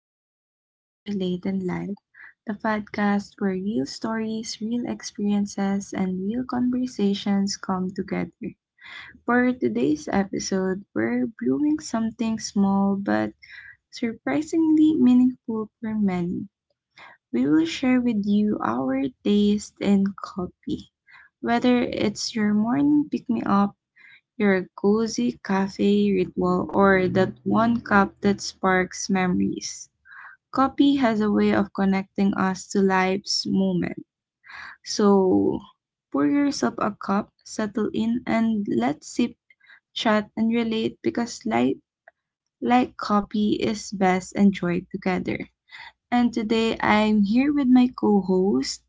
back to Eight Relate and Live, the podcast where real stories, real experiences, and real conversations come together. For today's episode, we're brewing something small but surprisingly meaningful for many. We will share with you our taste in coffee. Whether it's your morning pick me up, your cozy cafe ritual, or that one cup that sparks memories. Coffee has a way of connecting us to life's moment. So pour yourself a cup, settle in, and let's sip, chat, and relate because life, like coffee, is best enjoyed together. And today I'm here with my co host,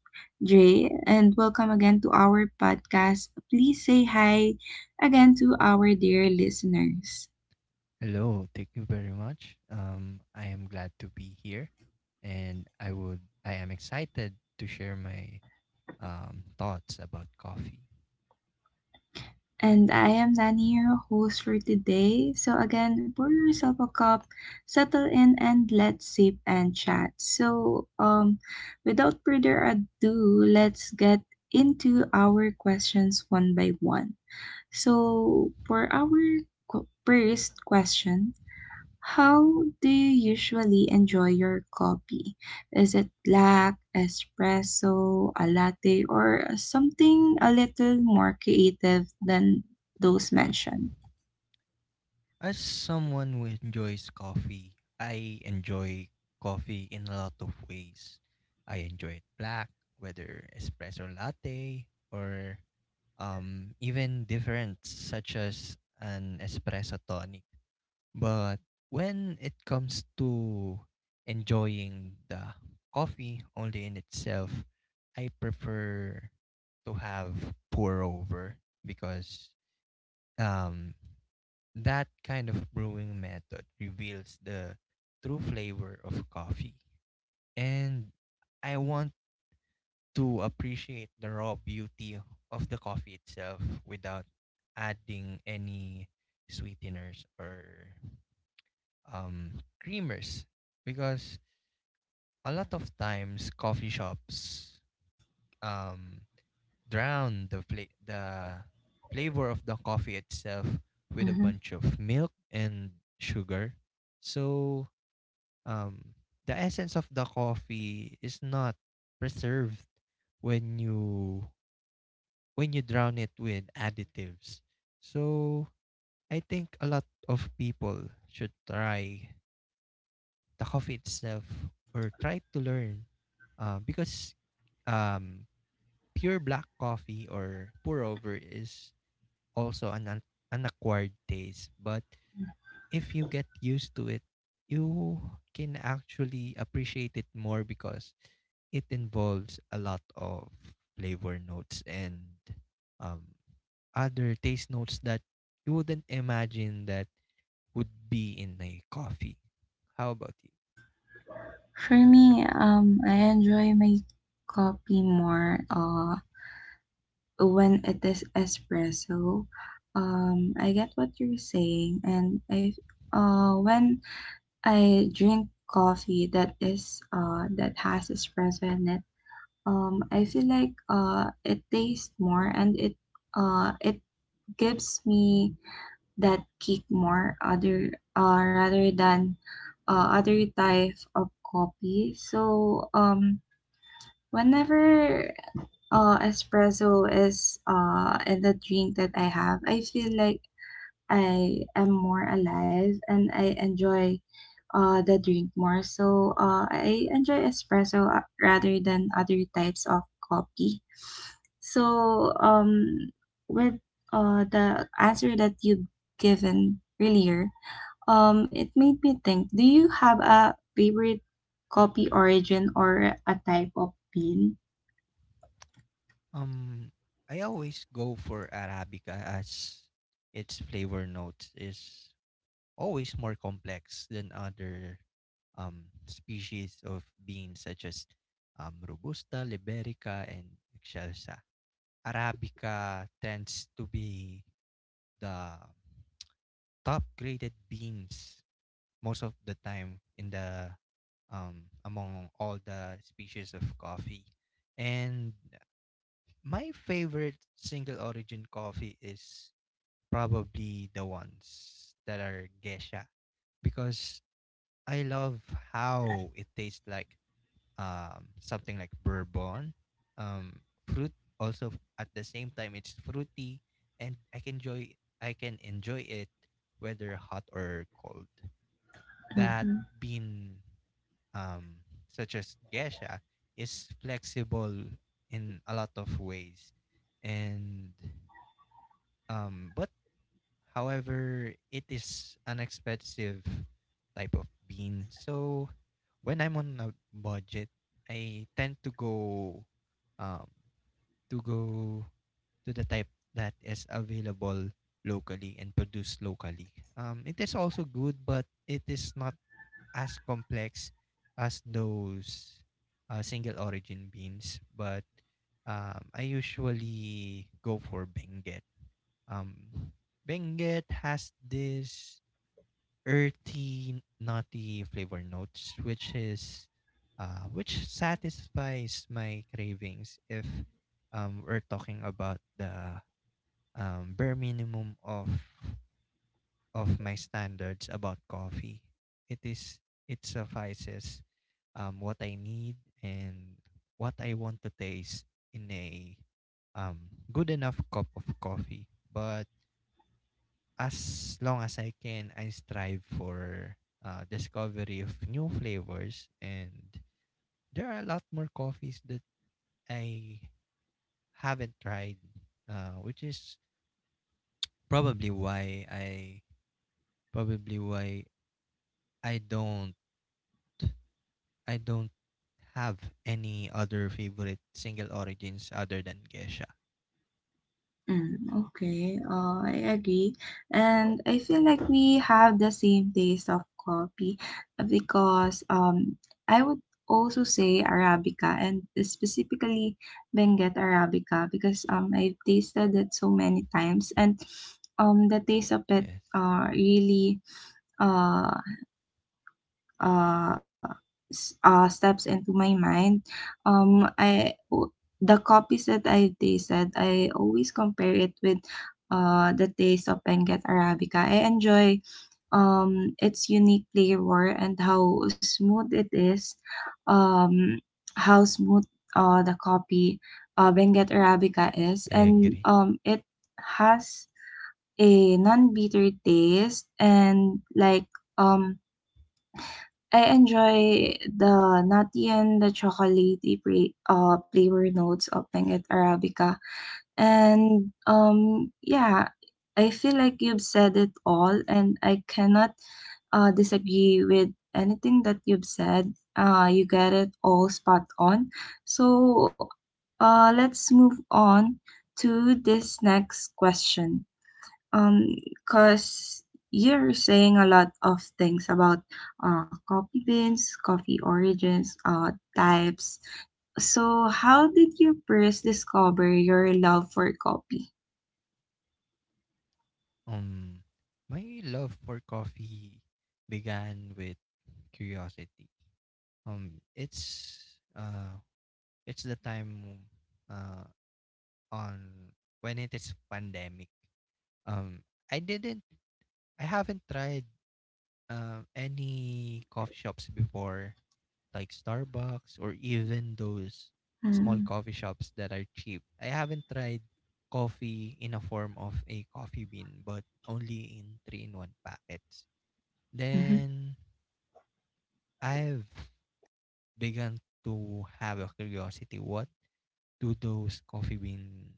Dre, and welcome again to our podcast. Please say hi again to our dear listeners. Hello, thank you very much. I am glad to be here, and I am excited to share my thoughts about coffee. And I am Nani, your host for today. So, again, pour yourself a cup, settle in, and let's sip and chat. So, without further ado, let's get into our questions one by one. So, for our first question, how do you usually enjoy your coffee? Is it black, espresso, a latte, or something a little more creative than those mentioned? As someone who enjoys coffee, I enjoy coffee in a lot of ways. I enjoy it black, whether espresso latte or even different, such as an espresso tonic. But when it comes to enjoying the coffee only in itself, I prefer to have pour over because um, that kind of brewing method reveals the true flavor of coffee. And I want to appreciate the raw beauty of the coffee itself without adding any sweeteners or creamers because a lot of times coffee shops um, drown the the flavor of the coffee itself with a Mm-hmm. bunch of milk and sugar. So um, the essence of the coffee is not preserved when you drown it with additives. So I think a lot of people should try the coffee itself or try to learn because um, pure black coffee or pour over is also an unacquired taste, but if you get used to it you can actually appreciate it more because it involves a lot of flavor notes and um, other taste notes that you wouldn't imagine that would be in a coffee. How about you? For me, I enjoy my coffee more when it is espresso. I get what you're saying, and I when I drink coffee that is that has espresso in it. I feel like it tastes more and it gives me that kick more other rather than other type of coffee. So whenever espresso is in the drink that I have, I feel like I am more alive and I enjoy the drink more. So I enjoy espresso rather than other types of coffee. So with the answer that you've given earlier, it made me think, do you have a favorite coffee origin or a type of bean? Um, I always go for Arabica as its flavor notes is always more complex than other species of beans such as Robusta, Liberica, and Excelsa. Arabica tends to be the top graded beans most of the time in the among all the species of coffee. And my favorite single origin coffee is probably the ones that are geisha because I love how it tastes like something like bourbon, fruit, also at the same time it's fruity, and I can enjoy it whether hot or cold. That Mm-hmm. bean such as geisha is flexible in a lot of ways, and but however, it is an expensive type of bean. So when I'm on a budget, I tend um to go to the type that is available locally and produced locally. It is also good, but it is not as complex as those single origin beans. But I usually go for Benguet. um, Benguet has this earthy, nutty flavor notes, which is, which satisfies my cravings. If we're talking about the bare minimum of my standards about coffee, it is it suffices what I need and what I want to taste in a um, good enough cup of coffee. But as long as I can, I strive for discovery of new flavors. And there are a lot more coffees that I haven't tried, which is probably why I probably why I don't have any other favorite single origins other than Gesha. Mm, okay, I agree. And I feel like we have the same taste of coffee because I would also say Arabica and specifically Benguet Arabica because I've tasted it so many times and the taste of it Yes, uh, really. uh, uh, steps into my mind. Um, I w- the copies that I tasted, I always compare it with the taste of Benguet Arabica. I enjoy its unique flavor and how smooth it is. Um, how smooth the copy Benguet Arabica is, I and agree. It has a non-bitter taste and um I enjoy the nutty and the chocolatey flavor notes of Benguet Arabica. And yeah, I feel like you've said it all, and I cannot disagree with anything that you've said. You get it all spot on. So let's move on to this next question. Um, cause you're saying a lot of things about coffee beans, coffee origins, types. So, how did you first discover your love for coffee? Um, my love for coffee began with curiosity. um it's uh it's the time uh on when it is pandemic. um i didn't I haven't tried any coffee shops before, like Starbucks, or even those small Mm-hmm, coffee shops that are cheap. I haven't tried coffee in a form of a coffee bean, but only in three in one packets. Then I've begun to have a curiosity, what do those coffee bean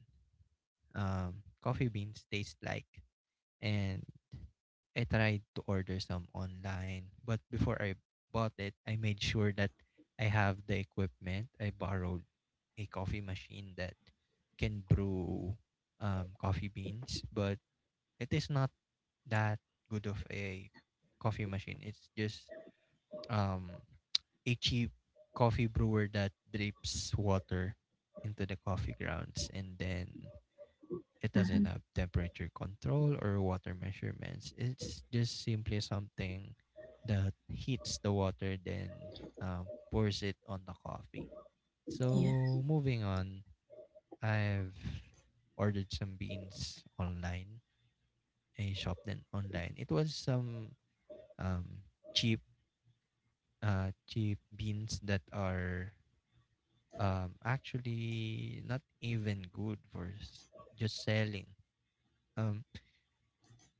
um coffee beans taste like? And I tried to order some online, but before I bought it I made sure that I have the equipment. I borrowed a coffee machine that can brew coffee beans, but it is not that good of a coffee machine. It's just um a cheap coffee brewer that drips water into the coffee grounds, and then it mm-hmm, doesn't have temperature control or water measurements. It's just simply something that heats the water, then pours it on the coffee. yeah. So moving on, I've ordered some beans online. I shopped them online. It was some um, cheap, cheap beans that are actually not even good for just selling. Um,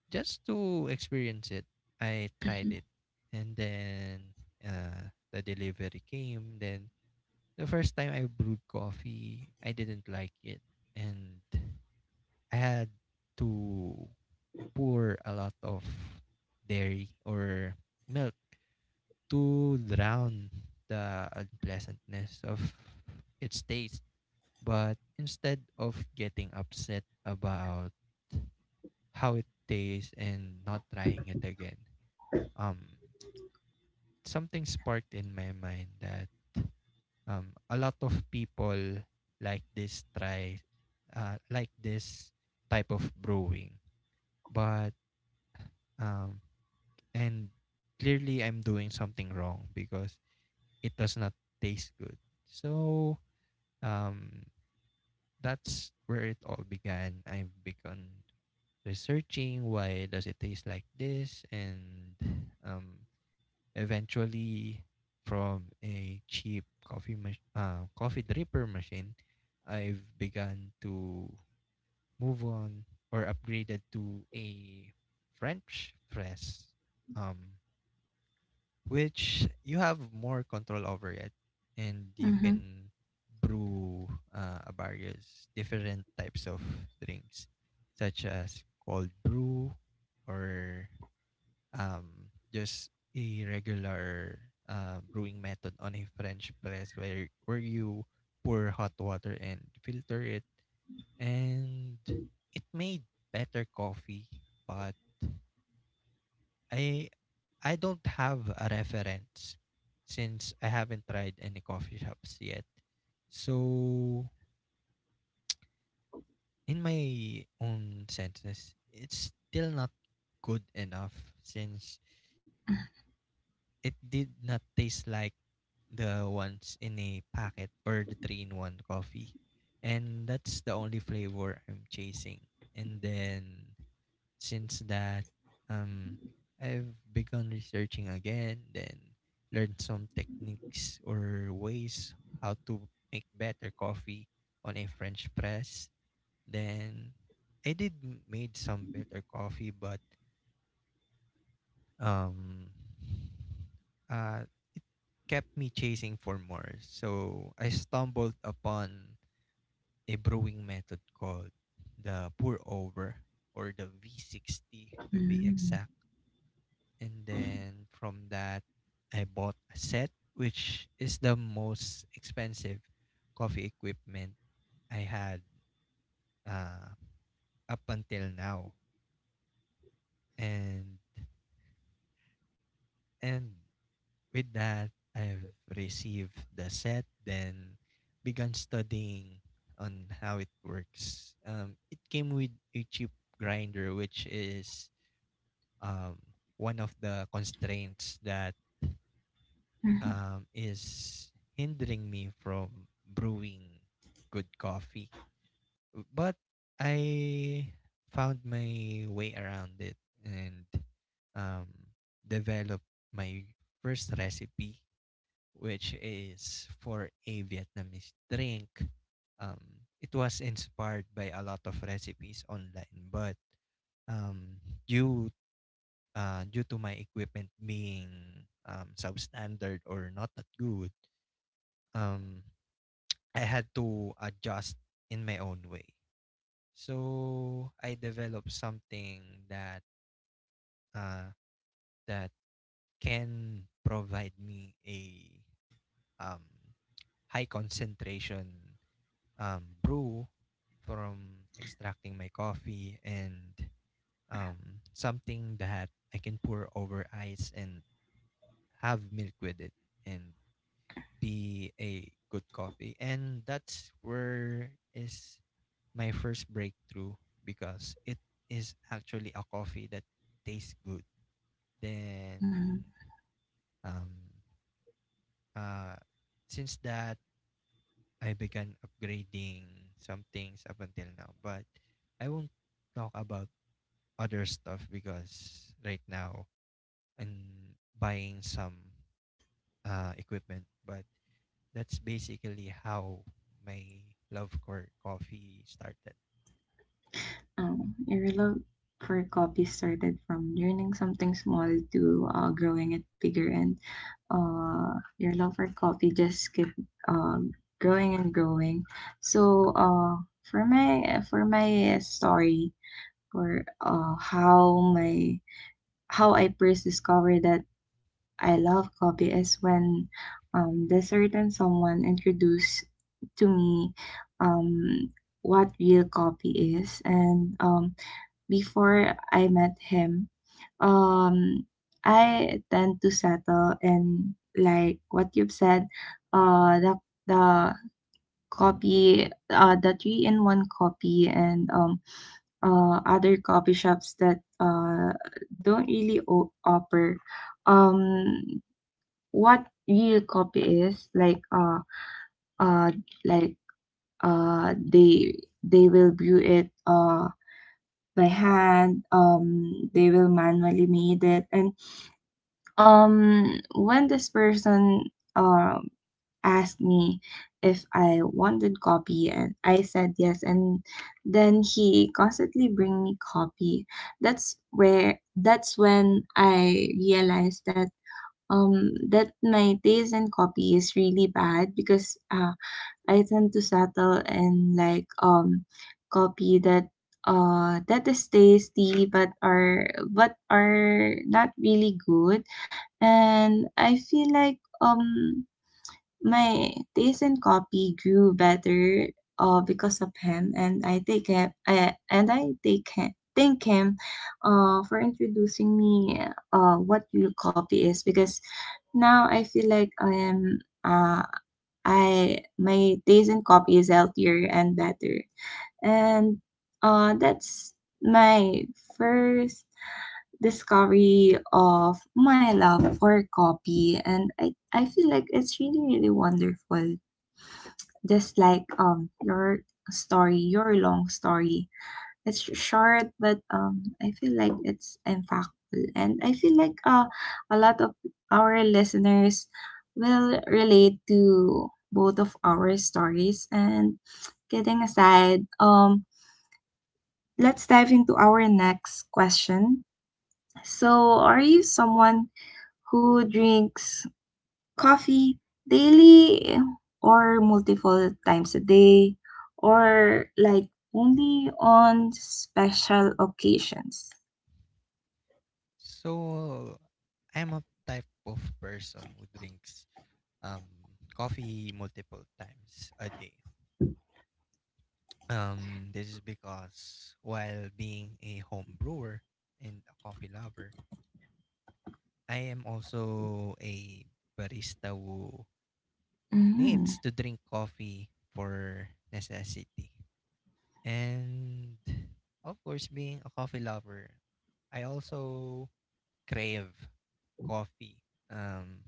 just to experience it, I Mm-hmm, tried it. And then the delivery came. Then the first time I brewed coffee, I didn't like it. And I had to pour a lot of dairy or milk to drown the unpleasantness of its taste. But instead of getting upset about how it tastes and not trying it again, um something sparked in my mind that a lot of people like this try like this type of brewing, but um and clearly I'm doing something wrong because it does not taste good. So um that's where it all began. I've begun researching, why does it taste like this? And um eventually, from a cheap coffee dripper machine, I've begun to move on or upgraded to a French press, um, which you have more control over it, and you mm-hmm, can brew various different types of drinks, such as cold brew, or just a regular brewing method on a French press, where you pour hot water and filter it, and it made better coffee. But I I don't have a reference since I haven't tried any coffee shops yet. So in my own senses, it's still not good enough since it did not taste like the ones in a packet or the three in one coffee. And that's the only flavor I'm chasing. And then since that, um, I've begun researching again, then learned some techniques or ways how to make better coffee on a French press. Then I did made some better coffee, but um uh it kept me chasing for more, so I stumbled upon a brewing method called the pour over, or the V60 to be exact. And then from that I bought a set, which is the most expensive coffee equipment I had uh, up until now. And and With that, I've received the set, then began studying on how it works. It came with a chip grinder, which is um, one of the constraints that is hindering me from brewing good coffee. But I found my way around it and um, developed my first recipe, which is for a Vietnamese drink. It was inspired by a lot of recipes online, but um, due due to my equipment being substandard or not that good, um, I had to adjust in my own way. So I developed something that uh, that can provide me a um, high concentration brew, from extracting my coffee, and something that I can pour over ice and have milk with it and be a good coffee. And that's where is my first breakthrough, because it is actually a coffee that tastes good. Then mm-hmm. um uh since that I began upgrading some things up until now, but I won't talk about other stuff because right now I'm buying some equipment, but that's basically how my love for coffee started. Oh, your love for coffee started from learning something small to growing it bigger, and your love for coffee just kept uh, growing and growing. So, for my story, for how I first discovered that I love coffee is when the certain someone introduced to me um, what real coffee is, and before I met him, um, I tend to settle in like what you've said, uh, the the copy, the three in one copy, and other coffee shops that don't really offer, um, what real copy is uh like uh they they will brew it by hand, they will manually made it, and when this person um asked me if I wanted copy and I said yes, and then he constantly bring me copy. That's when I realized that my taste in copy is really bad because I tend to settle and copy that that is tasty but are, but are not really good. And I feel like my taste in copy grew better because of him, and I take him, thank him for introducing me what real copy is, because now I feel like I am I my days in coffee is healthier and better. And that's my first discovery of my love for coffee, and I feel like it's really really wonderful. Just like your story, your long story. It's short, but I feel like it's impactful, and I feel like a lot of our listeners will relate to both of our stories. And kidding aside, let's dive into our next question. So, are you someone who drinks coffee daily or multiple times a day, or like only on special occasions? So I'm a type of person who drinks um, coffee multiple times a day. This is because while being a home brewer and a coffee lover, I am also a barista who Mm, needs to drink coffee for necessity. And of course, being a coffee lover, I also crave coffee um,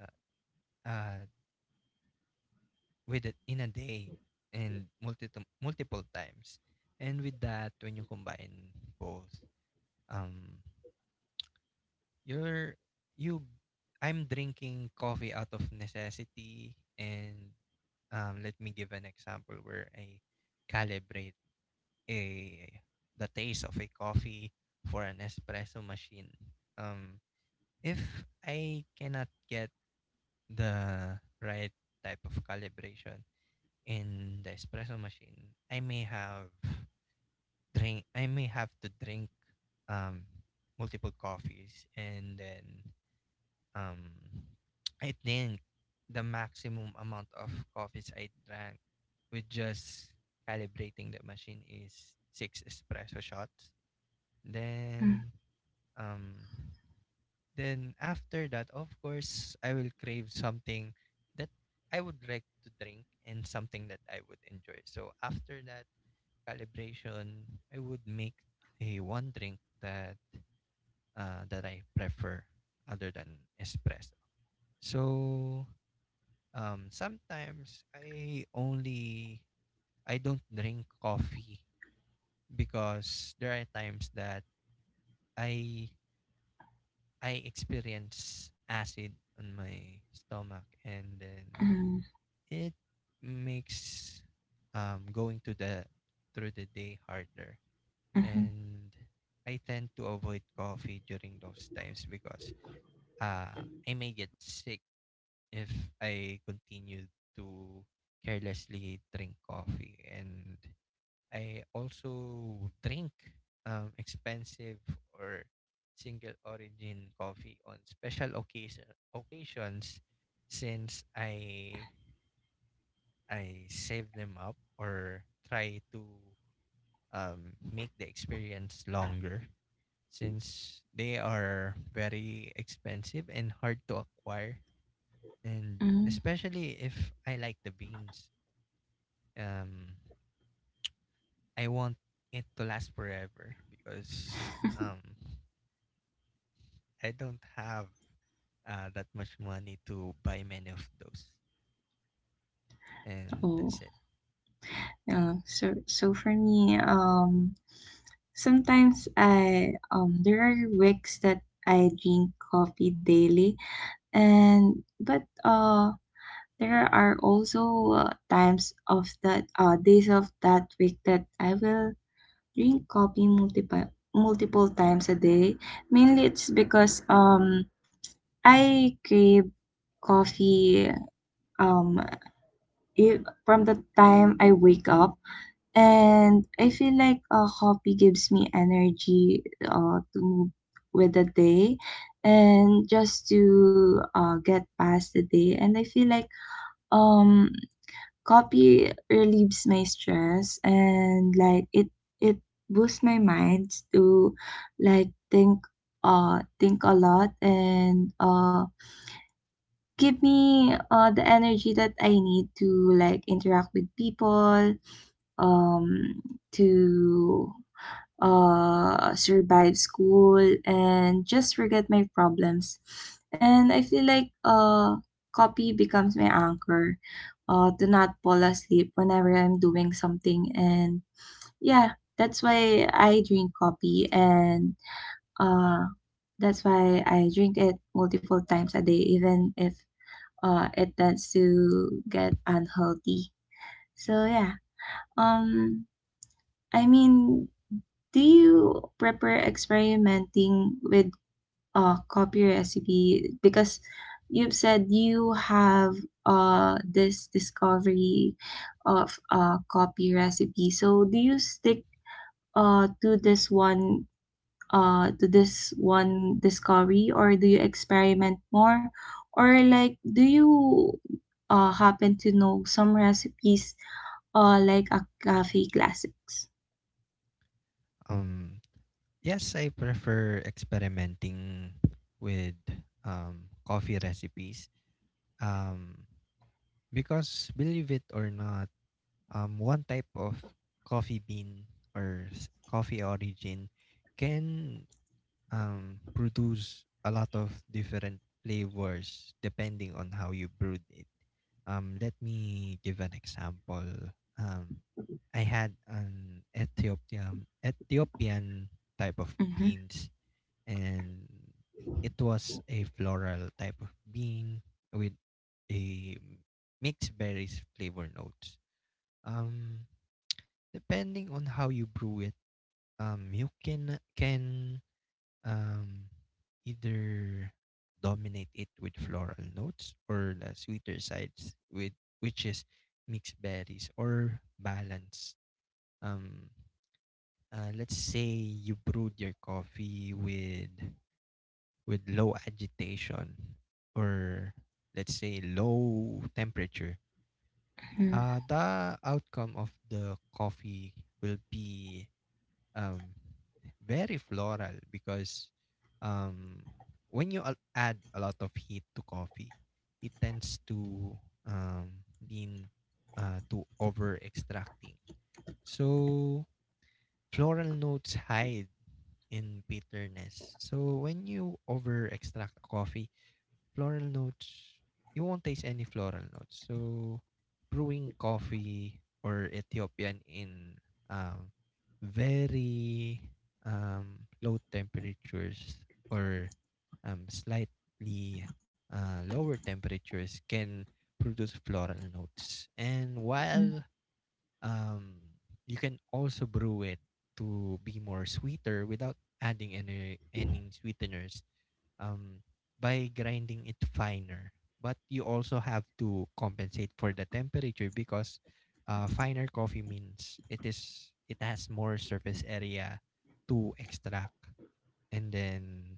uh, uh, with it in a day and multiple times. And with that, when you combine both, um, you're you, I'm drinking coffee out of necessity. And let me give an example where I calibrate a the taste of a coffee for an espresso machine. Um, if I cannot get the right type of calibration in the espresso machine, I may have to drink um, multiple coffees, and then um, I think the maximum amount of coffees I drank with just calibrating the machine is six espresso shots. mm, Then um after that, of course, I will crave something that I would like to drink and something that I would enjoy. So after that calibration, I would make a one drink that I prefer other than espresso. So sometimes I don't drink coffee because there are times that I I experience acid on my stomach, and then mm, it makes going to the through the day harder, mhm, and I tend to avoid coffee during those times because I may get sick if I continue to carelessly drink coffee. And I also drink expensive or single origin coffee on special occasion occasions, since I save them up or try to make the experience longer, since they are very expensive and hard to acquire. And mm. especially if I like the beans, um I want it to last forever, because I don't have that much money to buy many of those, and Oh, that's it. yeah. So, so for me, sometimes I there are weeks that I drink coffee daily, and but there are also times of that days of that week that I will drink coffee multiple times a day. Mainly, it's because I crave coffee um if, from the time I wake up. And I feel like a coffee gives me energy to move with the day and just to get past the day. And I feel like um, copy relieves my stress and like it boosts my mind to like think a lot and give me the energy that I need to like interact with people, um, to survive school and just forget my problems. And I feel like copy becomes my anchor to not fall asleep whenever I'm doing something. And yeah, that's why I drink coffee, and uh, that's why I drink it multiple times a day, even if it tends to get unhealthy. So yeah, um, I mean, do you prefer experimenting with copy recipe, because you've said you have this discovery of copy recipe. So do you stick uh to this one to this one discovery, or do you experiment more, or like do you happen to know some recipes like a cafe classics? Um, yes, I prefer experimenting with coffee recipes. Um, because believe it or not, one type of coffee bean or coffee origin can produce a lot of different flavors depending on how you brewed it. Let me give an example. Um, I had an Ethiopian type of Mm-hmm. beans, and it was a floral type of bean with a mixed berries flavor notes. Um, Depending on how you brew it, you can um, either dominate it with floral notes or the sweeter sides with which is mixed berries or balance. Um, let's say you brewed your coffee with low agitation or let's say low temperature. Mm-hmm. The outcome of the coffee will be um, very floral because um, when you add a lot of heat to coffee, it tends to um, lean to over extracting. So floral notes hide in bitterness. So when you over extract a coffee, floral notes, you won't taste any floral notes. So, brewing coffee or Ethiopian in um, very low temperatures or slightly lower temperatures can produce floral notes. And Mm-hmm. while um, you can also brew it to be more sweeter without adding any sweeteners um, by grinding it finer. But you also have to compensate for the temperature because finer coffee means it has more surface area to extract. And then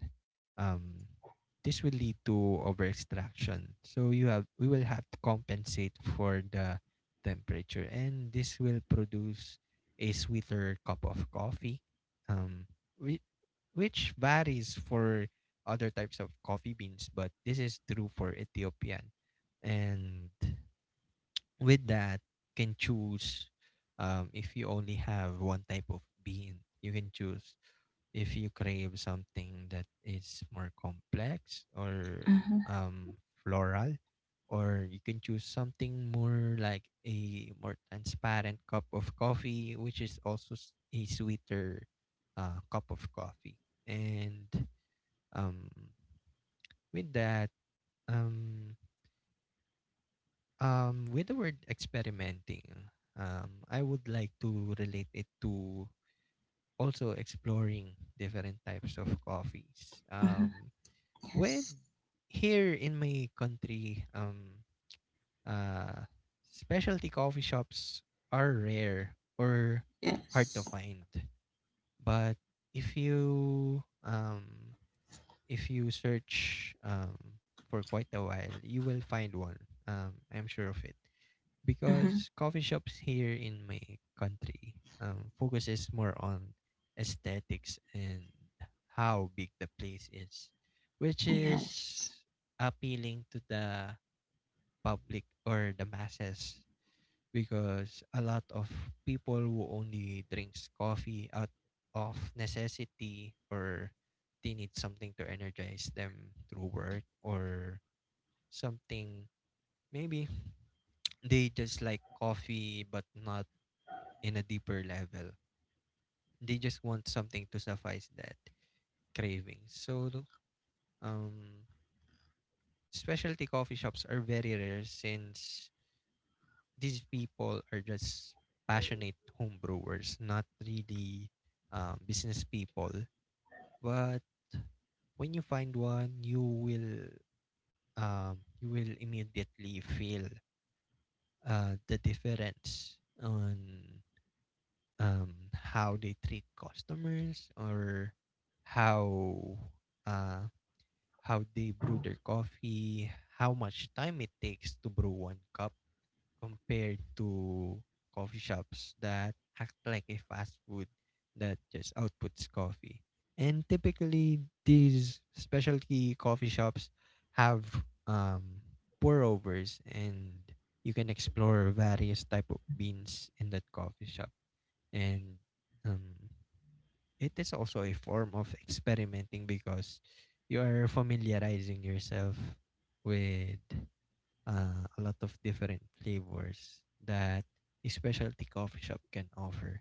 um, this will lead to over extraction. So you have we will have to compensate for the temperature, and this will produce a sweeter cup of coffee, um, whi- which varies for other types of coffee beans, but this is true for Ethiopian. And with that, can choose if you only have one type of bean, you can choose if you crave something that is more complex or Mm-hmm. um floral, or you can choose something more like a more transparent cup of coffee which is also a sweeter cup of coffee. And um with that um with the word experimenting, I would like to relate it to also exploring different types of coffees Mm-hmm. um When Yes. here in my country, uh, specialty coffee shops are rare or hard to Yes. find. But if you um, if you search for quite a while, you will find one. I'm sure of it Mm-hmm. because coffee shops here in my country focuses more on aesthetics and how big the place is, which Yes. is appealing to the public or the masses because a lot of people who only drinks coffee out of necessity, or they need something to energize them through work or something, maybe they just like coffee but not in a deeper level. They just want something to suffice that craving. So, um, specialty coffee shops are very rare since these people are just passionate home brewers, not really business people. But when you find one, you will immediately feel the difference on how they treat customers, or how uh, how they brew their coffee, how much time it takes to brew one cup compared to coffee shops that act like a fast food that just outputs coffee. And typically, these specialty coffee shops have pour overs, and you can explore various type of beans in that coffee shop, and um, it is also a form of experimenting because you are familiarizing yourself with a lot of different flavors that a specialty coffee shop can offer,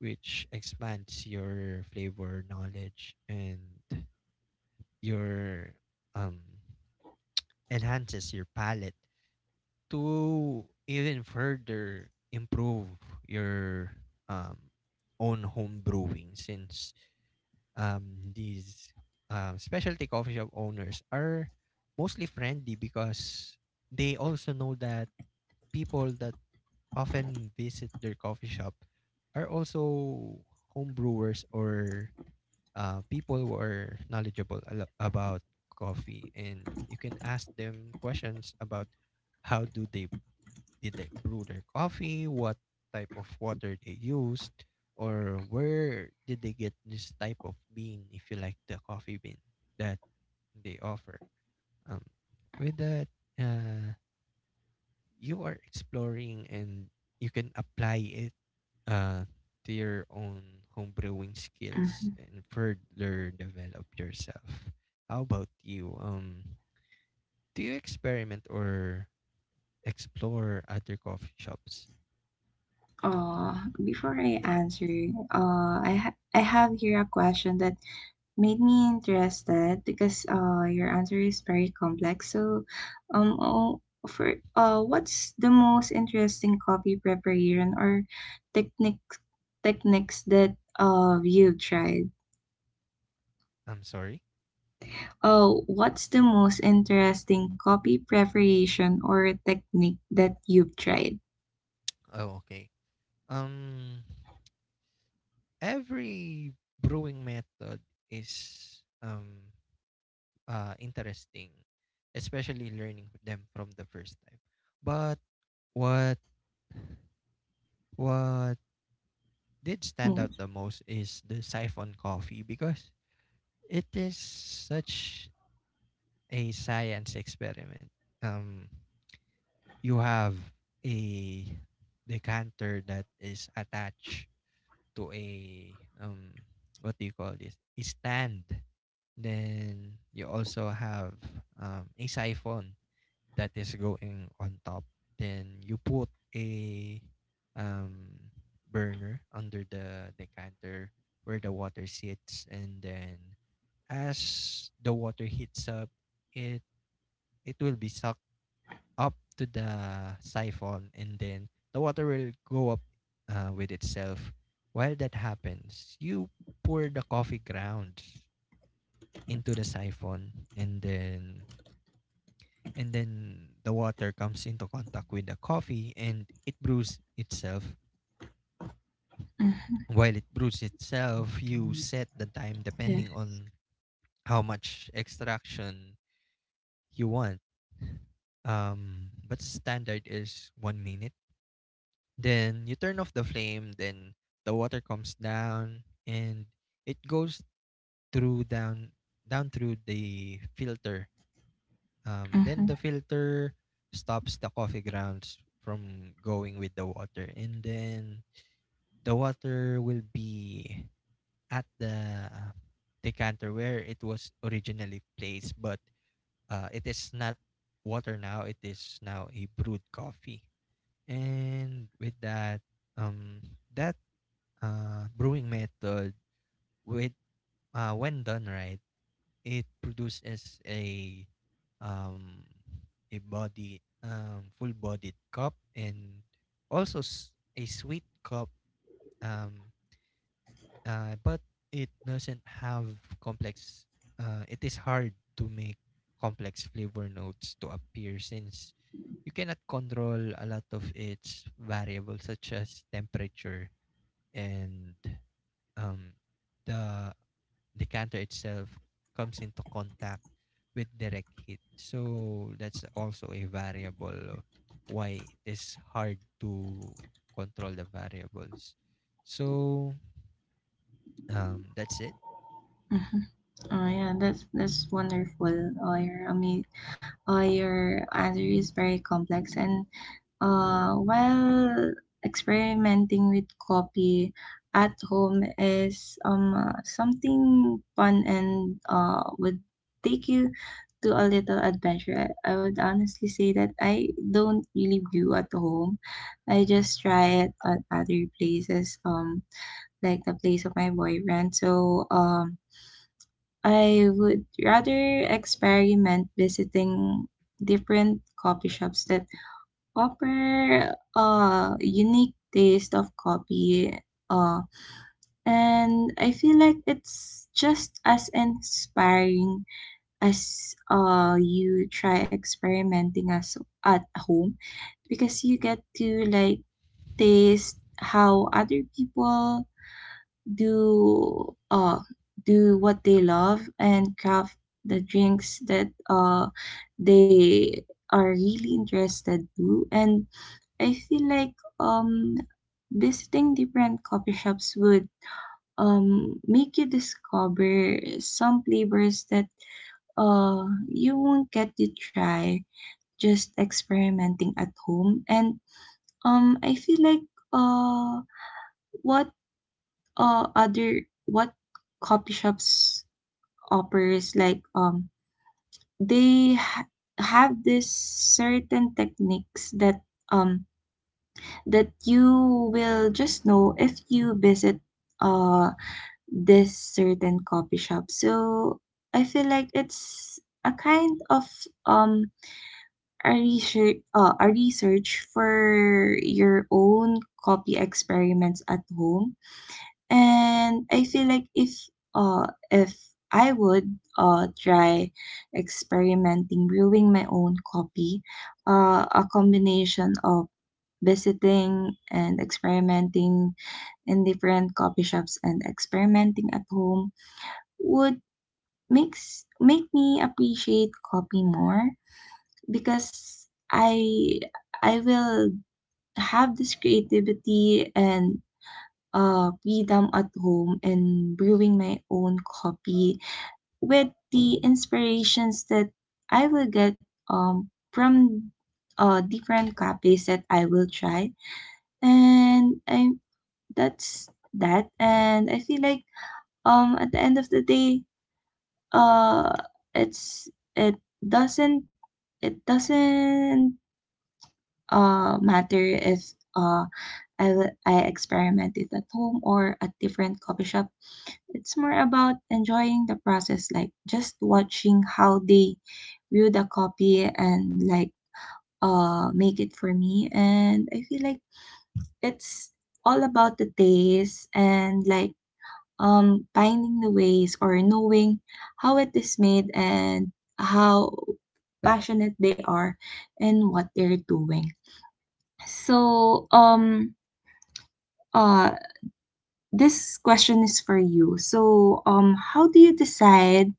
which expands your flavor knowledge and your um enhances your palate to even further improve your um own home brewing, since these specialty coffee shop owners are mostly friendly because they also know that people that often visit their coffee shop are also home brewers, or people who are knowledgeable about coffee, and you can ask them questions about how do they did they brew their coffee, what type of water they used, or where did they get this type of bean, if you like the coffee bean that they offer. Um, with that, uh, you are exploring and you can apply it uh, to your own home brewing skills Mm-hmm. and further develop yourself. How about you? Do you experiment or explore other coffee shops? Uh, before I answer, I have here a question that made me interested because your answer is very complex. So, oh, for what's the most interesting coffee preparation or technique techniques that you tried? I'm sorry. Oh, what's the most interesting coffee preparation or technique that you've tried? Oh, okay. Um, every brewing method is interesting, especially learning them from the first time. But what what did stand out Mm, the most is the siphon coffee because it is such a science experiment. Um, you have a decanter that is attached to a what do you call this? A stand. Then you also have a siphon that is going on top. Then you put a um burner under the decanter where the water sits, and then as the water heats up, it it will be sucked up to the siphon, and then the water will go up with itself. While that happens, you pour the coffee grounds into the siphon, and then the water comes into contact with the coffee and it brews itself. mhm, While it brews itself, you set the time yeah. depending on how much extraction you want. But standard is 1 minute. Then you turn off the flame, then the water comes down and it goes through down through the filter. Then Mhm. the filter stops the coffee grounds from going with the water, and then the water will be at the decanter where it was originally placed, but it is not water now, it is now a brewed coffee. And with that, um that brewing method, with when done right, it produces um, a body full bodied cup and also a sweet cup, um, but it doesn't have complex it is hard to make complex flavor notes to appear since you cannot control a lot of its variables such as temperature, and um, the decanter itself comes into contact with direct heat. So that's also a variable why it is hard to control the variables. So that's it. Mhm. Oh yeah, that's wonderful. Oh, your ama- your answer is very complex. And while experimenting with copy at home is something fun and would take you to a little adventure. I would honestly say that I don't really brew at home. I just try it at other places, like the place of my boyfriend. So I would rather experiment visiting different coffee shops that offer a unique taste of coffee. Uh, and I feel like it's just as inspiring as you try experimenting as at home, because you get to like taste how other people do do what they love and craft the drinks that they are really interested to. And I feel like um visiting different coffee shops would make you discover some flavors that you won't get to try just experimenting at home. And I feel like uh what other what coffee shops operas like, they ha- have this certain techniques that um that you will just know if you visit uh this certain coffee shop. So I feel like it's a kind of um a research, a research for your own copy experiments at home. And I feel like if I would try experimenting brewing my own coffee, a combination of visiting and experimenting in different coffee shops and experimenting at home would make me appreciate coffee more, because I will have this creativity and freedom at home and brewing my own coffee with the inspirations that I will get from different cafes that I will try. And I That's that. And I feel like at the end of the day, uh, it's it doesn't it doesn't matter if I experiment it at home or at different coffee shop. It's more about enjoying the process, like just watching how they view the copy and like make it for me. And I feel like it's all about the taste and like finding the ways or knowing how it is made and how passionate they are and what they're doing. So uh this question is for you. So how do you decide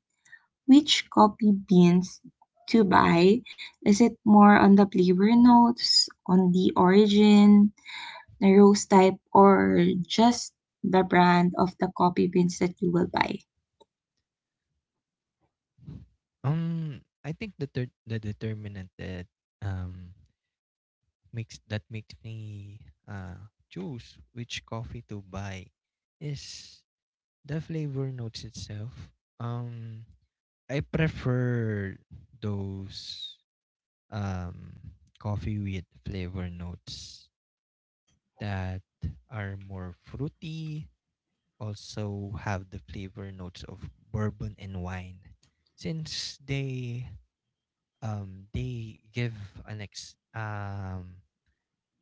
which coffee beans to buy? Is it more on the flavor notes, on the origin, the roast type, or just the brand of the coffee beans that you will buy? I think the determinant that um makes that makes me choose which coffee to buy is the flavor notes itself. Um, I prefer those um, coffee with flavor notes that are more fruity, also have the flavor notes of bourbon and wine. Since they give an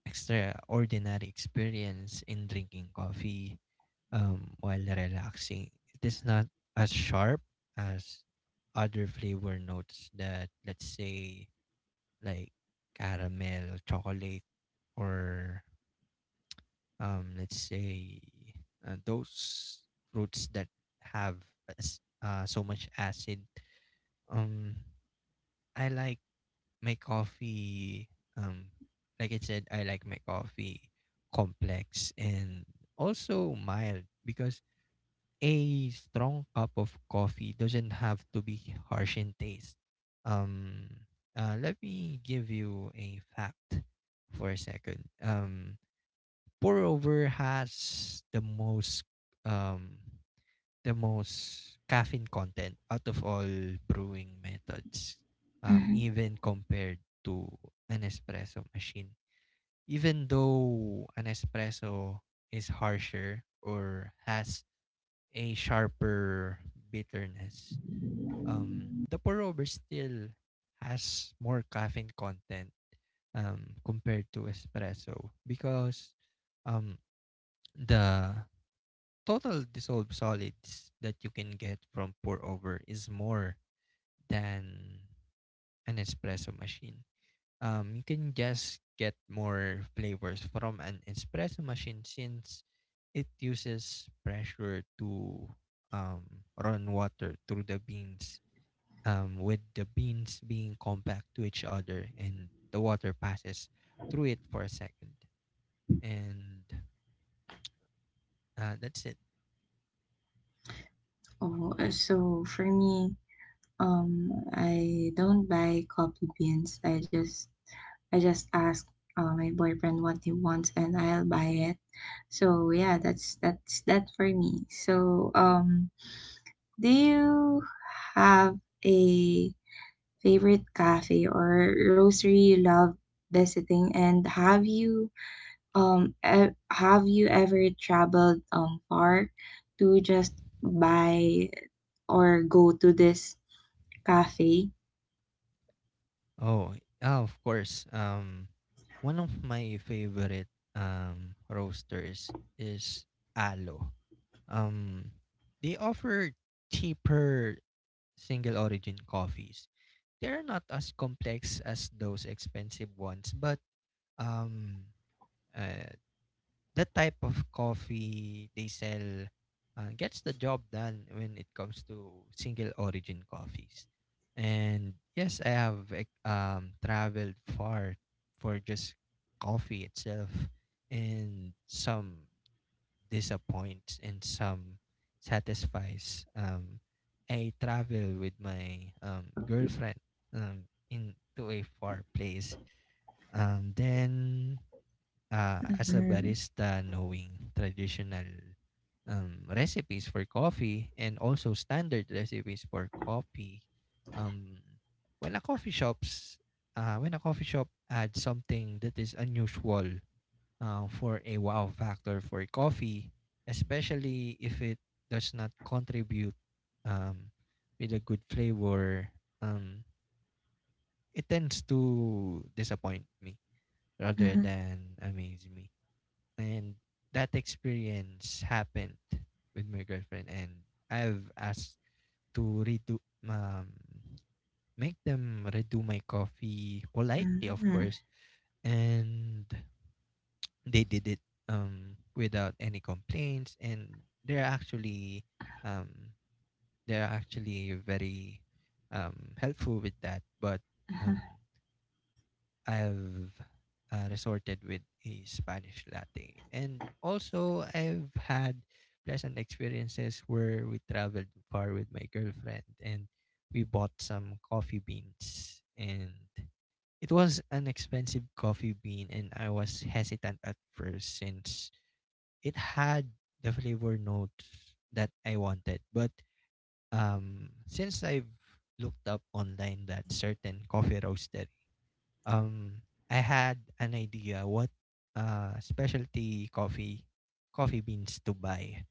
extraordinary experience in drinking coffee while relaxing. It is not as sharp as other flavor notes that, let's say, like caramel, chocolate, or let's say those fruits that have so much acid. Um, I like my coffee. Um, like I said, I like my coffee complex and also mild because a strong cup of coffee doesn't have to be harsh in taste. Um, Let me give you a fact for a second. Pour over has um the most caffeine content out of all brewing methods, Mhm. even compared to an espresso machine. Even though an espresso is harsher or has a sharper bitterness. The pour over still has more caffeine content compared to espresso because um, the total dissolved solids that you can get from pour over is more than an espresso machine. You can just get more flavors from an espresso machine since it uses pressure to run water through the beans, with the beans being compact to each other and the water passes through it for a second. And that's it. Oh, so for me, I don't buy coffee beans. I just ask my boyfriend what he wants and I'll buy it. So yeah, that's that for me. Do you have a favorite cafe or roastery you love visiting? And have you have you ever traveled far to just buy or go to this cafe? Oh, yeah, of course. One of my favorite roasters is Alo. Um, they offer cheaper single origin coffees. They're not as complex as those expensive ones, but um, uh, that type of coffee they sell gets the job done when it comes to single origin coffees. And yes, I have traveled far for just coffee itself, and some disappoints and some satisfies. I travel with my girlfriend um, into a far place. Then as a Mhm. barista, knowing traditional recipes for coffee and also standard recipes for coffee, um, when a coffee shops, when a coffee shop adds something that is unusual for a wow factor for coffee, especially if it does not contribute um, with a good flavor, um, it tends to disappoint me rather Mhm, than amaze me. And that experience happened with my girlfriend, and I've asked to redo um make them redo my coffee, politely of mhm, course, and they did it without any complaints, and they're actually um they're actually very helpful with that. But mhm, um I've resorted with a Spanish latte. And also, I've had pleasant experiences where we traveled far with my girlfriend and we bought some coffee beans. And it was an expensive coffee bean, and I was hesitant at first since it had the flavor notes that I wanted. But since I've looked up online that certain coffee roasters, um I had an idea what specialty coffee beans to buy.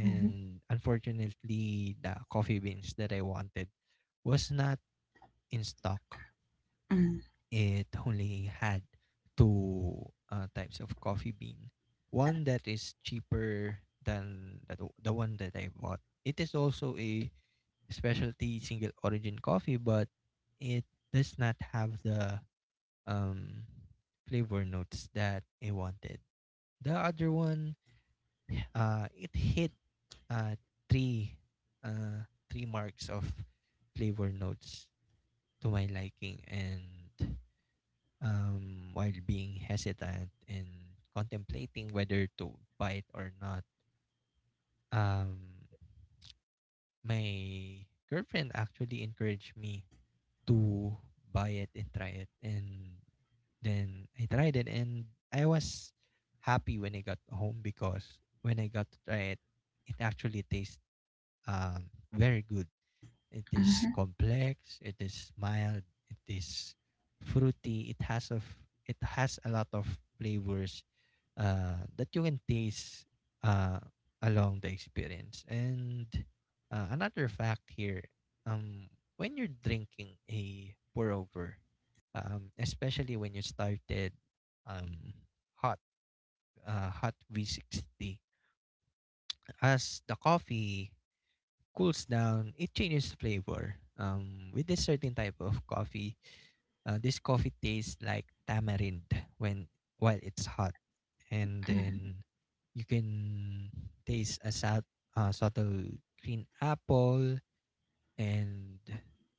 mhm, unfortunately, the coffee beans that I wanted was not in stock. mhm, It only had two types of coffee bean. One that is cheaper than the one that I bought. It is also a specialty single origin coffee, but it does not have the um flavor notes that I wanted. The other one, it hit uh three, three marks of flavor notes to my liking, and while being hesitant and contemplating whether to buy it or not, um my girlfriend actually encouraged me to buy it and try it, and then I tried it, and I was happy when I got home, because when I got to try it, it actually tastes very good. It is mhm, complex, it is mild, it is fruity, it has a lot of flavors that you can taste uh, along the experience. And another fact here, um, when you're drinking a pour over, especially when you started um, hot hot V60, as the coffee cools down, it changes flavor. With this certain type of coffee, this coffee tastes like tamarind when while it's hot, and mhm. then you can taste a subtle green apple, and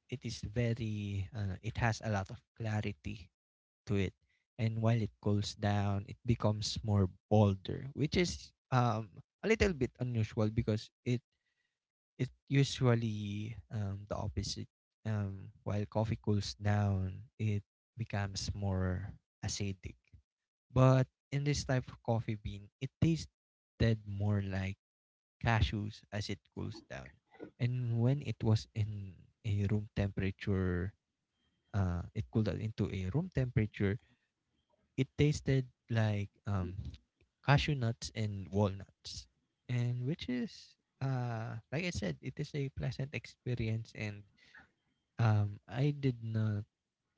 it is very it has a lot of clarity to it. And while it cools down it becomes more bolder, which is a little bit unusual, because it usually the opposite. While coffee cools down it becomes more acidic, but in this type of coffee bean, it tasted more like cashews as it cools down. And when it was in a room temperature, it cooled down into a room temperature, it tasted like cashew nuts and walnuts. And which is, like I said, it is a pleasant experience. And I did not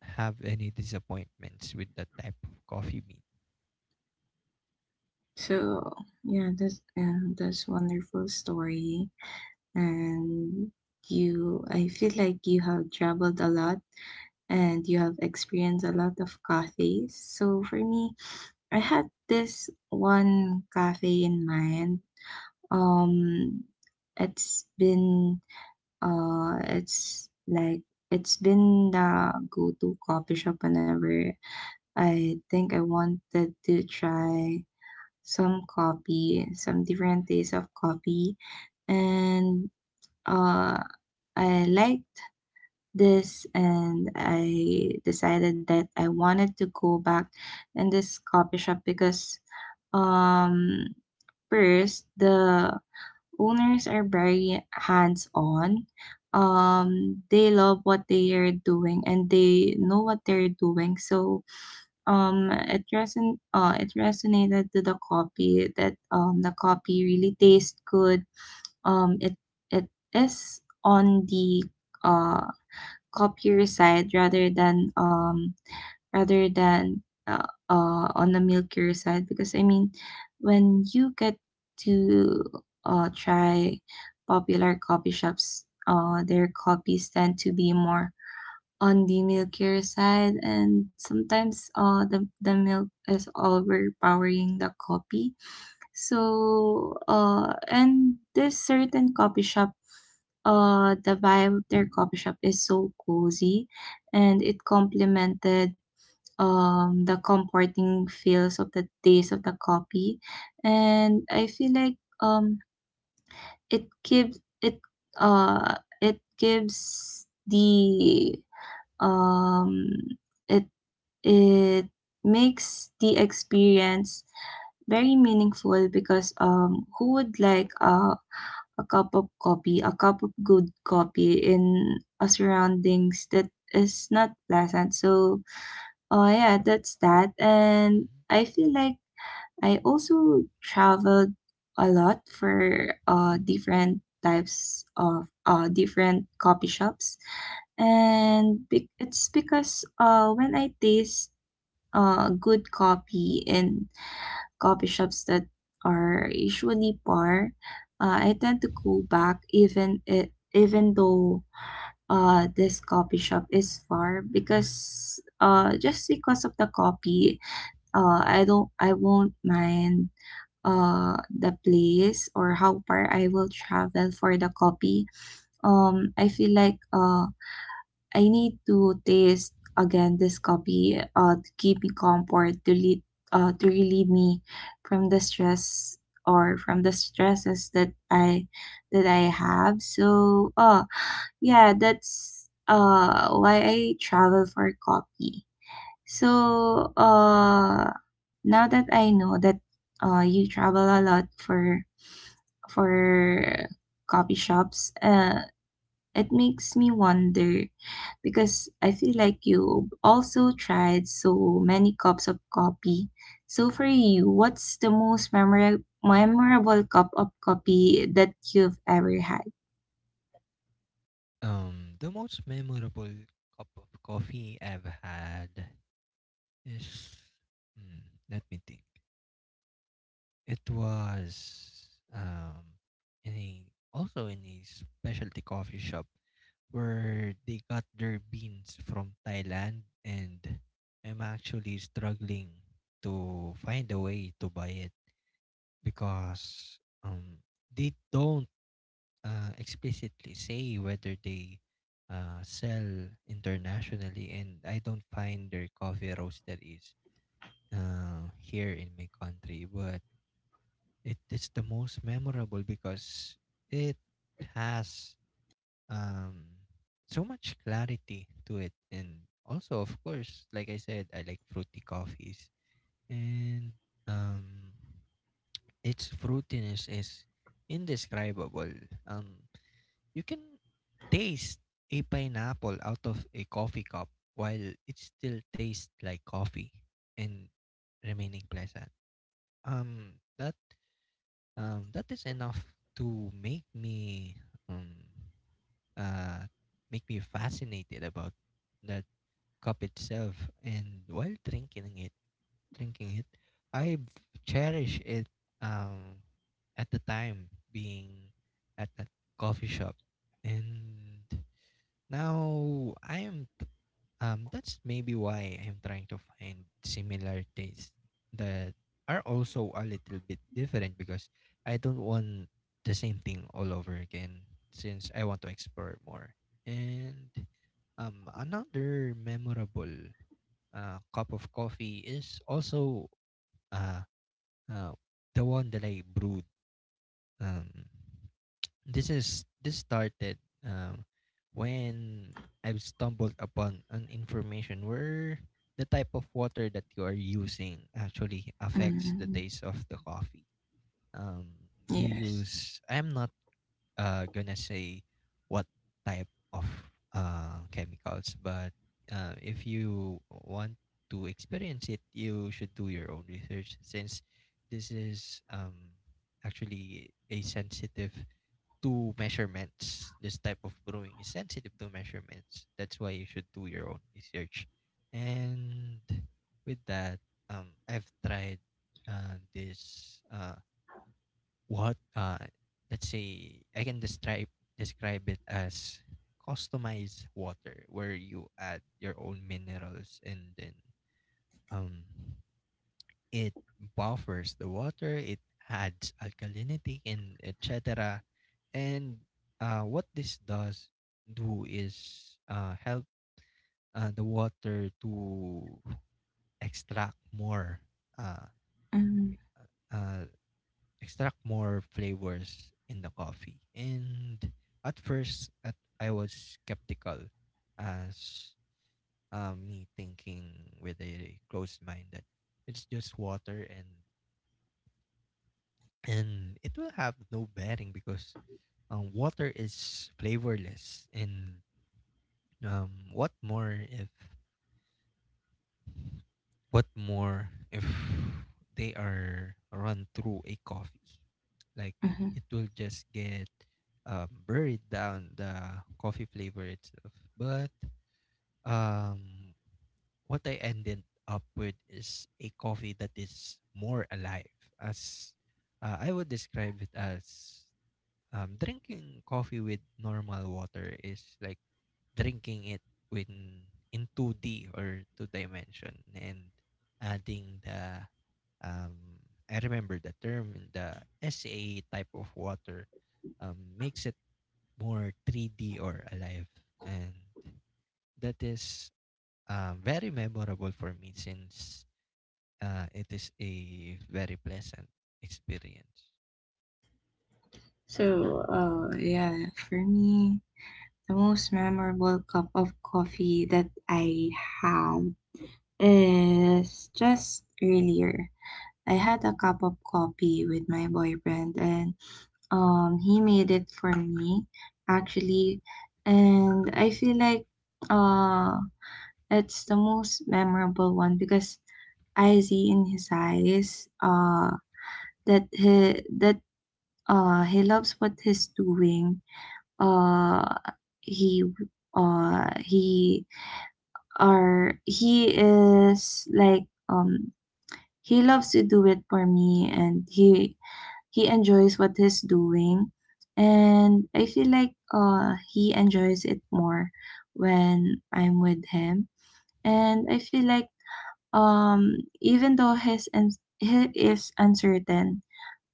have any disappointments with that type of coffee bean. So yeah, that's wonderful story, and I feel like you have traveled a lot and you have experienced a lot of cafes. So for me, I had this one cafe in mind. Um, it's been it's like it's been the go-to coffee shop whenever I think I wanted to try some coffee, some different taste of coffee, and uh, I liked this, and I decided that I wanted to go back in this coffee shop because um first, the owners are very hands on. They love what they are doing and they know what they're doing. It resonated to the copy that, the copy really tastes good. Um, it it is on the uh, copier side rather than rather than on the milkier side, because I mean when you get to try popular coffee shops, their copies tend to be more on the milkier side, and sometimes, the milk is overpowering the coffee. And this certain coffee shop, the vibe of their coffee shop is so cozy, and it complemented the comforting feels of the taste of the coffee, and I feel like um it gives it uh it gives the um, it it makes the experience very meaningful, because who would like a cup of coffee, a cup of good coffee in a surroundings that is not pleasant. So, oh yeah, that's that, and Mhm. I feel like I also traveled a lot for different types of different coffee shops, it's because when I taste good coffee in coffee shops that are usually par, I tend to go back even it even though this coffee shop is far, because just because of the coffee, I won't mind the place or how far I will travel for the copy. I feel like I need to taste again this copy, to keep me comfort, to lead to relieve me from the stress or from the stresses that I have. So yeah, that's why I travel for copy. So, uh, now that I know that you travel a lot for for coffee shops, it makes me wonder because I feel like you also tried so many cups of coffee. So for you, what's the most memorable cup of coffee that you've ever had? The most memorable cup of coffee I've had is, hmm, let me think. It was um in a also in a specialty coffee shop where they got their beans from Thailand, and I'm actually struggling to find a way to buy it, because they don't explicitly say whether they sell internationally, and I don't find their coffee roaster is here in my country. But it is the most memorable because it has um, so much clarity to it, and also, of course, like I said, I like fruity coffees, and um, its fruitiness is indescribable. Um, You can taste a pineapple out of a coffee cup while it still tastes like coffee and remaining pleasant. Um, that that is enough to um uh make me fascinated about that cup itself. And while drinking it, I cherish it. Um, at the time being at that coffee shop, and now I am t- that's maybe why I am trying to find similar tastes that are also a little bit different, because I don't want the same thing all over again, since I want to explore more. And another memorable cup of coffee is also uh, uh the one that I brewed. Um this is this started um, when I stumbled upon an information where the type of water that you are using actually affects the Mm, taste of the coffee. Um, you yes. use I'm not gonna say what type of chemicals, but if you want to experience it, you should do your own research, since this is um, actually a sensitive to measurements. This type of growing is sensitive to measurements. That's why you should do your own research. And with that, I've tried this what let's say I can describe it as customized water, where you add your own minerals, and then um it buffers the water, it adds alkalinity and etc. And what this does do is help the water to extract more uh, Mm, uh, extract more flavors in the coffee. And at first, I was skeptical, as me thinking with a closed mind that it's just water, and it will have no bearing, because water is flavorless, and um, what more if what more if they are run through a coffee, like mhm. it will just get buried down the coffee flavor itself. But um, what I ended up with is a coffee that is more alive. As I would describe it as drinking coffee with normal water is like drinking it in in 2D or two dimension, and adding the um, I remember the term in the SA type of water makes it more 3D or alive. And that is very memorable for me, since it is a very pleasant experience. So, yeah, for me, the most memorable cup of coffee that I had is just earlier. I had a cup of coffee with my boyfriend, and he made it for me actually, and I feel like uh, it's the most memorable one because I see in his eyes that he loves what he's doing. uh he uh he he is like um he loves to do it for me, and he enjoys what he's doing, and I feel like he enjoys it more when I'm with him. And I feel like um even though his and he is uncertain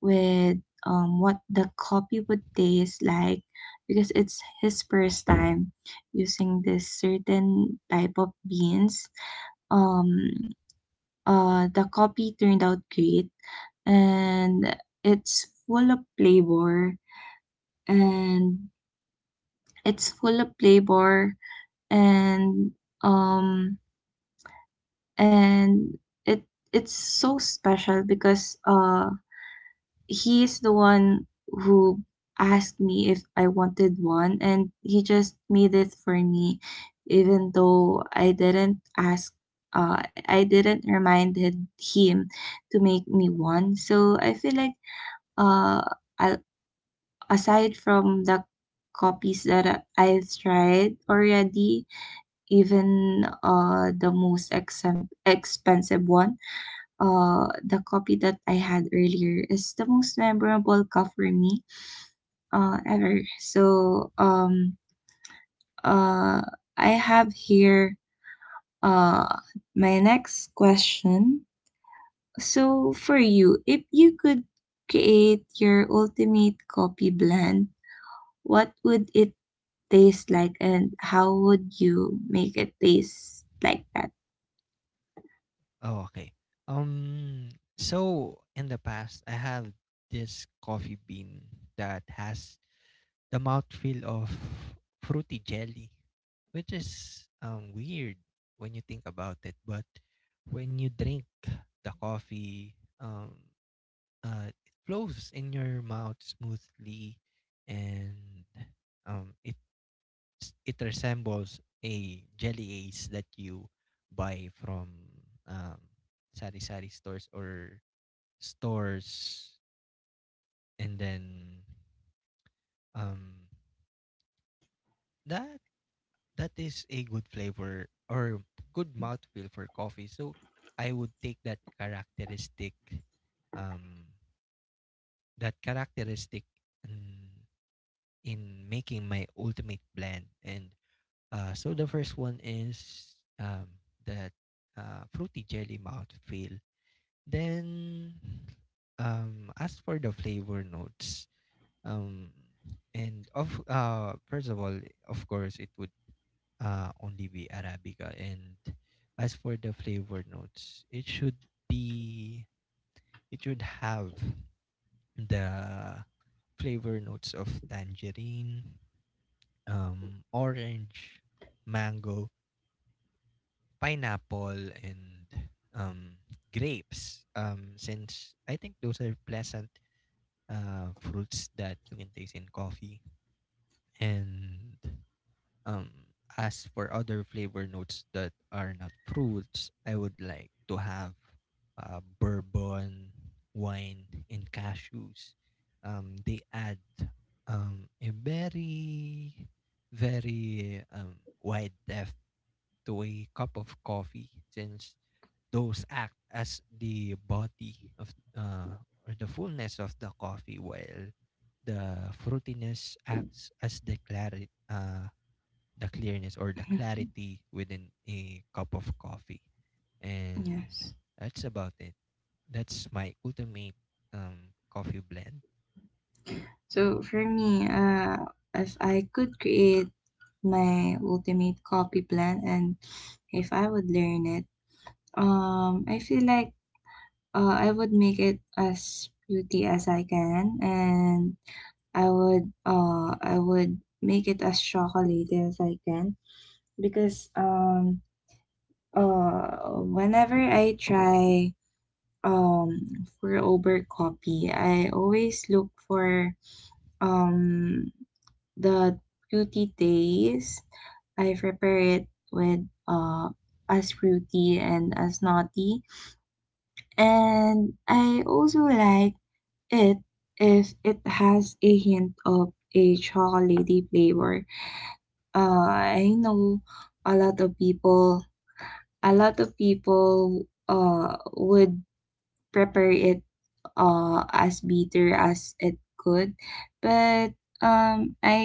with what the coffee would taste like because it's his first time using this certain type of beans. Um, the coffee turned out great and it's full of flavor and it's full of flavor and um and it it's so special because he is the one who asked me if I wanted one, and he just made it for me, even though I didn't ask. I didn't remind him to make me one. So I feel like uh, a- aside from the copies that I've tried already, even the most expensive one, the copy that I had earlier is the most memorable cup for me, ever. So uh, I have here uh, my next question. So for you, if you could create your ultimate coffee blend, what would it taste like and how would you make it taste like that? Oh, okay. Um, so in the past, I have this coffee bean that has the mouthfeel of fruity jelly, which is weird when you think about it. But when you drink the coffee, um, it flows in your mouth smoothly, and it it resembles a jelly ace that you buy from um, sari sari stores or stores, and then um, that that is a good flavor or good mouthfeel for coffee. So I would take that characteristic, um, that characteristic. mm, in making my ultimate blend. And so the first one is that fruity jelly mouthfeel. Then, as for the flavor notes, um, and of first of all, of course, it would only be arabica. And as for the flavor notes, it should be it should have the flavor notes of tangerine, orange, mango, pineapple, and um, grapes. Since I think those are pleasant fruits that you can taste in coffee. And um, as for other flavor notes that are not fruits, I would like to have bourbon, wine, and cashews. They add a very very wide depth to a cup of coffee, since those act as the body of or the fullness of the coffee, while the fruitiness acts as the clarity the clearness or the Mhm. clarity within a cup of coffee, and Yes. that's about it. That's my ultimate coffee blend. So for me, if I could create my ultimate copy plan and if I would learn it, I feel like I would make it as beauty as I can, and I would make it as chocolatey as I can because whenever I try um for over copy, I always look for um the fruity taste. I prepare it with as fruity and as naughty, and I also like it if it has a hint of a chocolatey flavor. Uh, I know a lot of people, would prepare it as bitter as it could, but I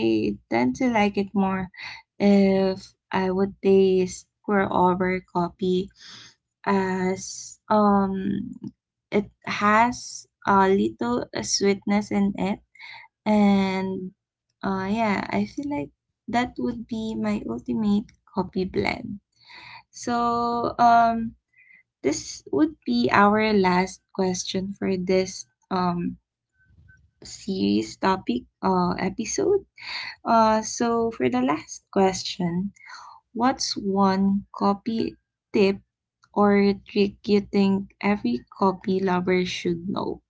tend to like it more if I would taste pour over coffee as it has a little sweetness in it. And yeah, I feel like that would be my ultimate coffee blend. So um, this would be our last question for this series topic episode. So for the last question, what's one copy tip or trick you think every copy lover should know?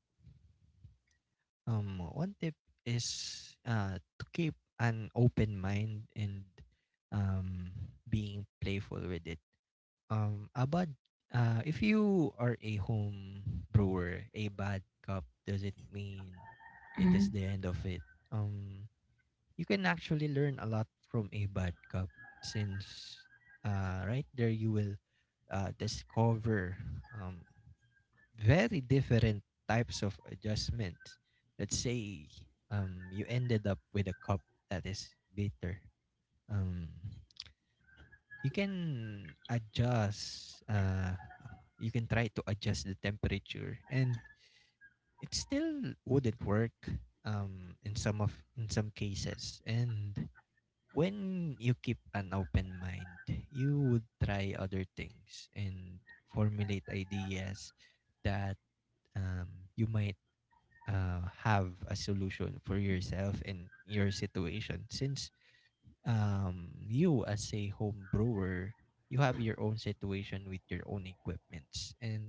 One tip is to keep an open mind, and um, being playful with it. Um, a bad, if you are a home brewer, a bad cup doesn't mean it is the end of it. Um, you can actually learn a lot from a bad cup, since, right there you will discover um, very different types of adjustments. Let's say you ended up with a cup that is bitter. Um, you can adjust you can try to adjust the temperature, and it still wouldn't work in some cases. And when you keep an open mind, you would try other things and formulate ideas that you might have a solution for yourself and your situation, since you as a home brewer, you have your own situation with your own equipments, and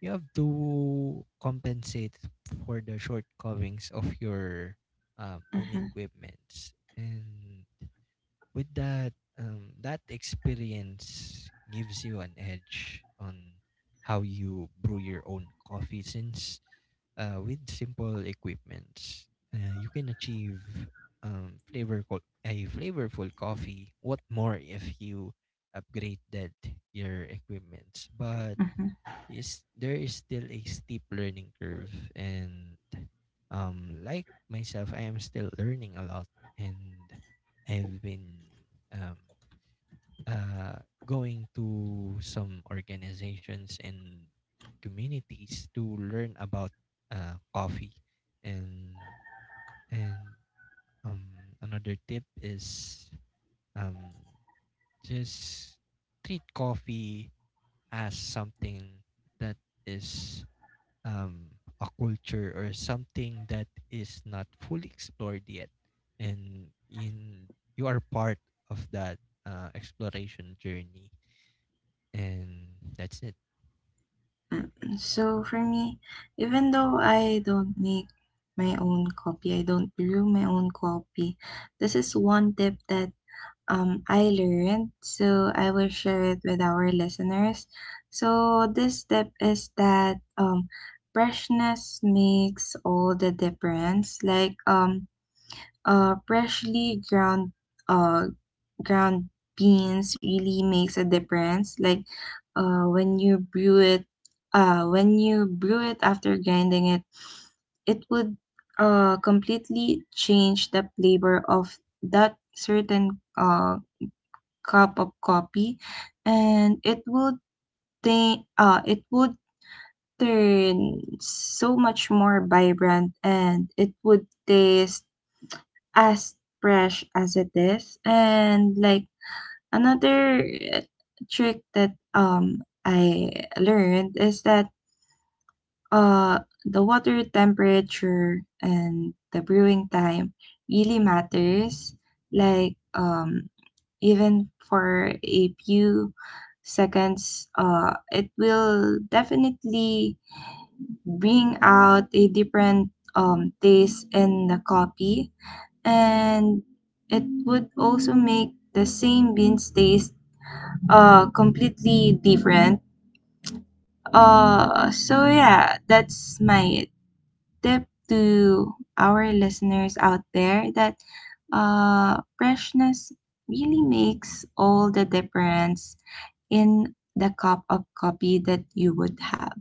you have to compensate for the shortcomings of your own Mm-hmm. equipments. And with that, that experience gives you an edge on how you brew your own coffee, since with simple equipments, you can achieve a flavorful coffee. What more if you upgraded your equipments? But is There is still a steep learning curve, and like myself, I am still learning a lot, and I've been um, uh, going to some organizations and communities to learn about coffee. And and Another tip is um, just treat coffee as something that is a culture or something that is not fully explored yet, and in you are part of that exploration journey. And that's it. So for me, even though I don't make my own copy, I don't brew my own copy. This is one tip that I learned, so I will share it with our listeners. So this tip is that freshness makes all the difference. Like freshly ground uh ground beans really makes a difference. Like uh, when you brew it, when you brew it after grinding it, it would completely change the flavor of that certain cup of coffee, and it would think uh, it would turn so much more vibrant, and it would taste as fresh as it is. And like another trick that I learned is that the water temperature and the brewing time really matters. Like even for a few seconds, it will definitely bring out a different taste in the coffee, and it would also make the same beans taste completely different. So yeah, that's my tip to our listeners out there that freshness really makes all the difference in the cup of coffee that you would have.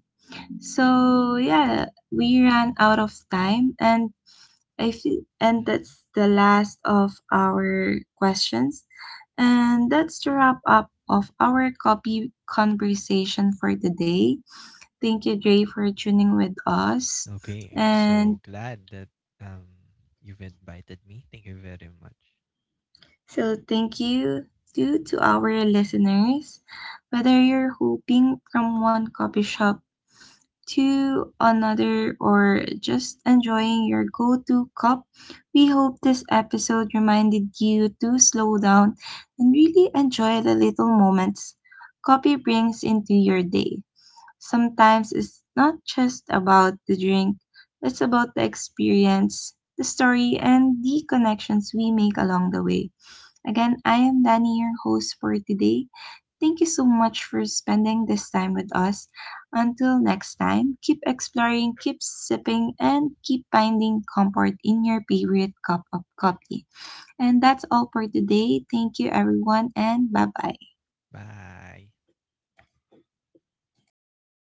So yeah, we ran out of time and Mm. that's the last of our questions. And that's the wrap up of our coffee conversation for today. Thank you, Dre, for tuning with us. Okay, I'm so And glad that um you've invited me. Thank you very much. So, thank you too to our listeners. Whether you're hopping from one coffee shop to another or just enjoying your go to cup, we hope this episode reminded you to slow down and really enjoy the little moments coffee brings into your day. Sometimes it's not just about the drink, it's about the experience, the story, and the connections we make along the way. Again, I am Danny, your host for today. Thank you so much for spending this time with us. Until next time, keep exploring, keep sipping, and keep finding comfort in your favorite cup of coffee. And that's all for today. Thank you, everyone, and bye bye. Bye.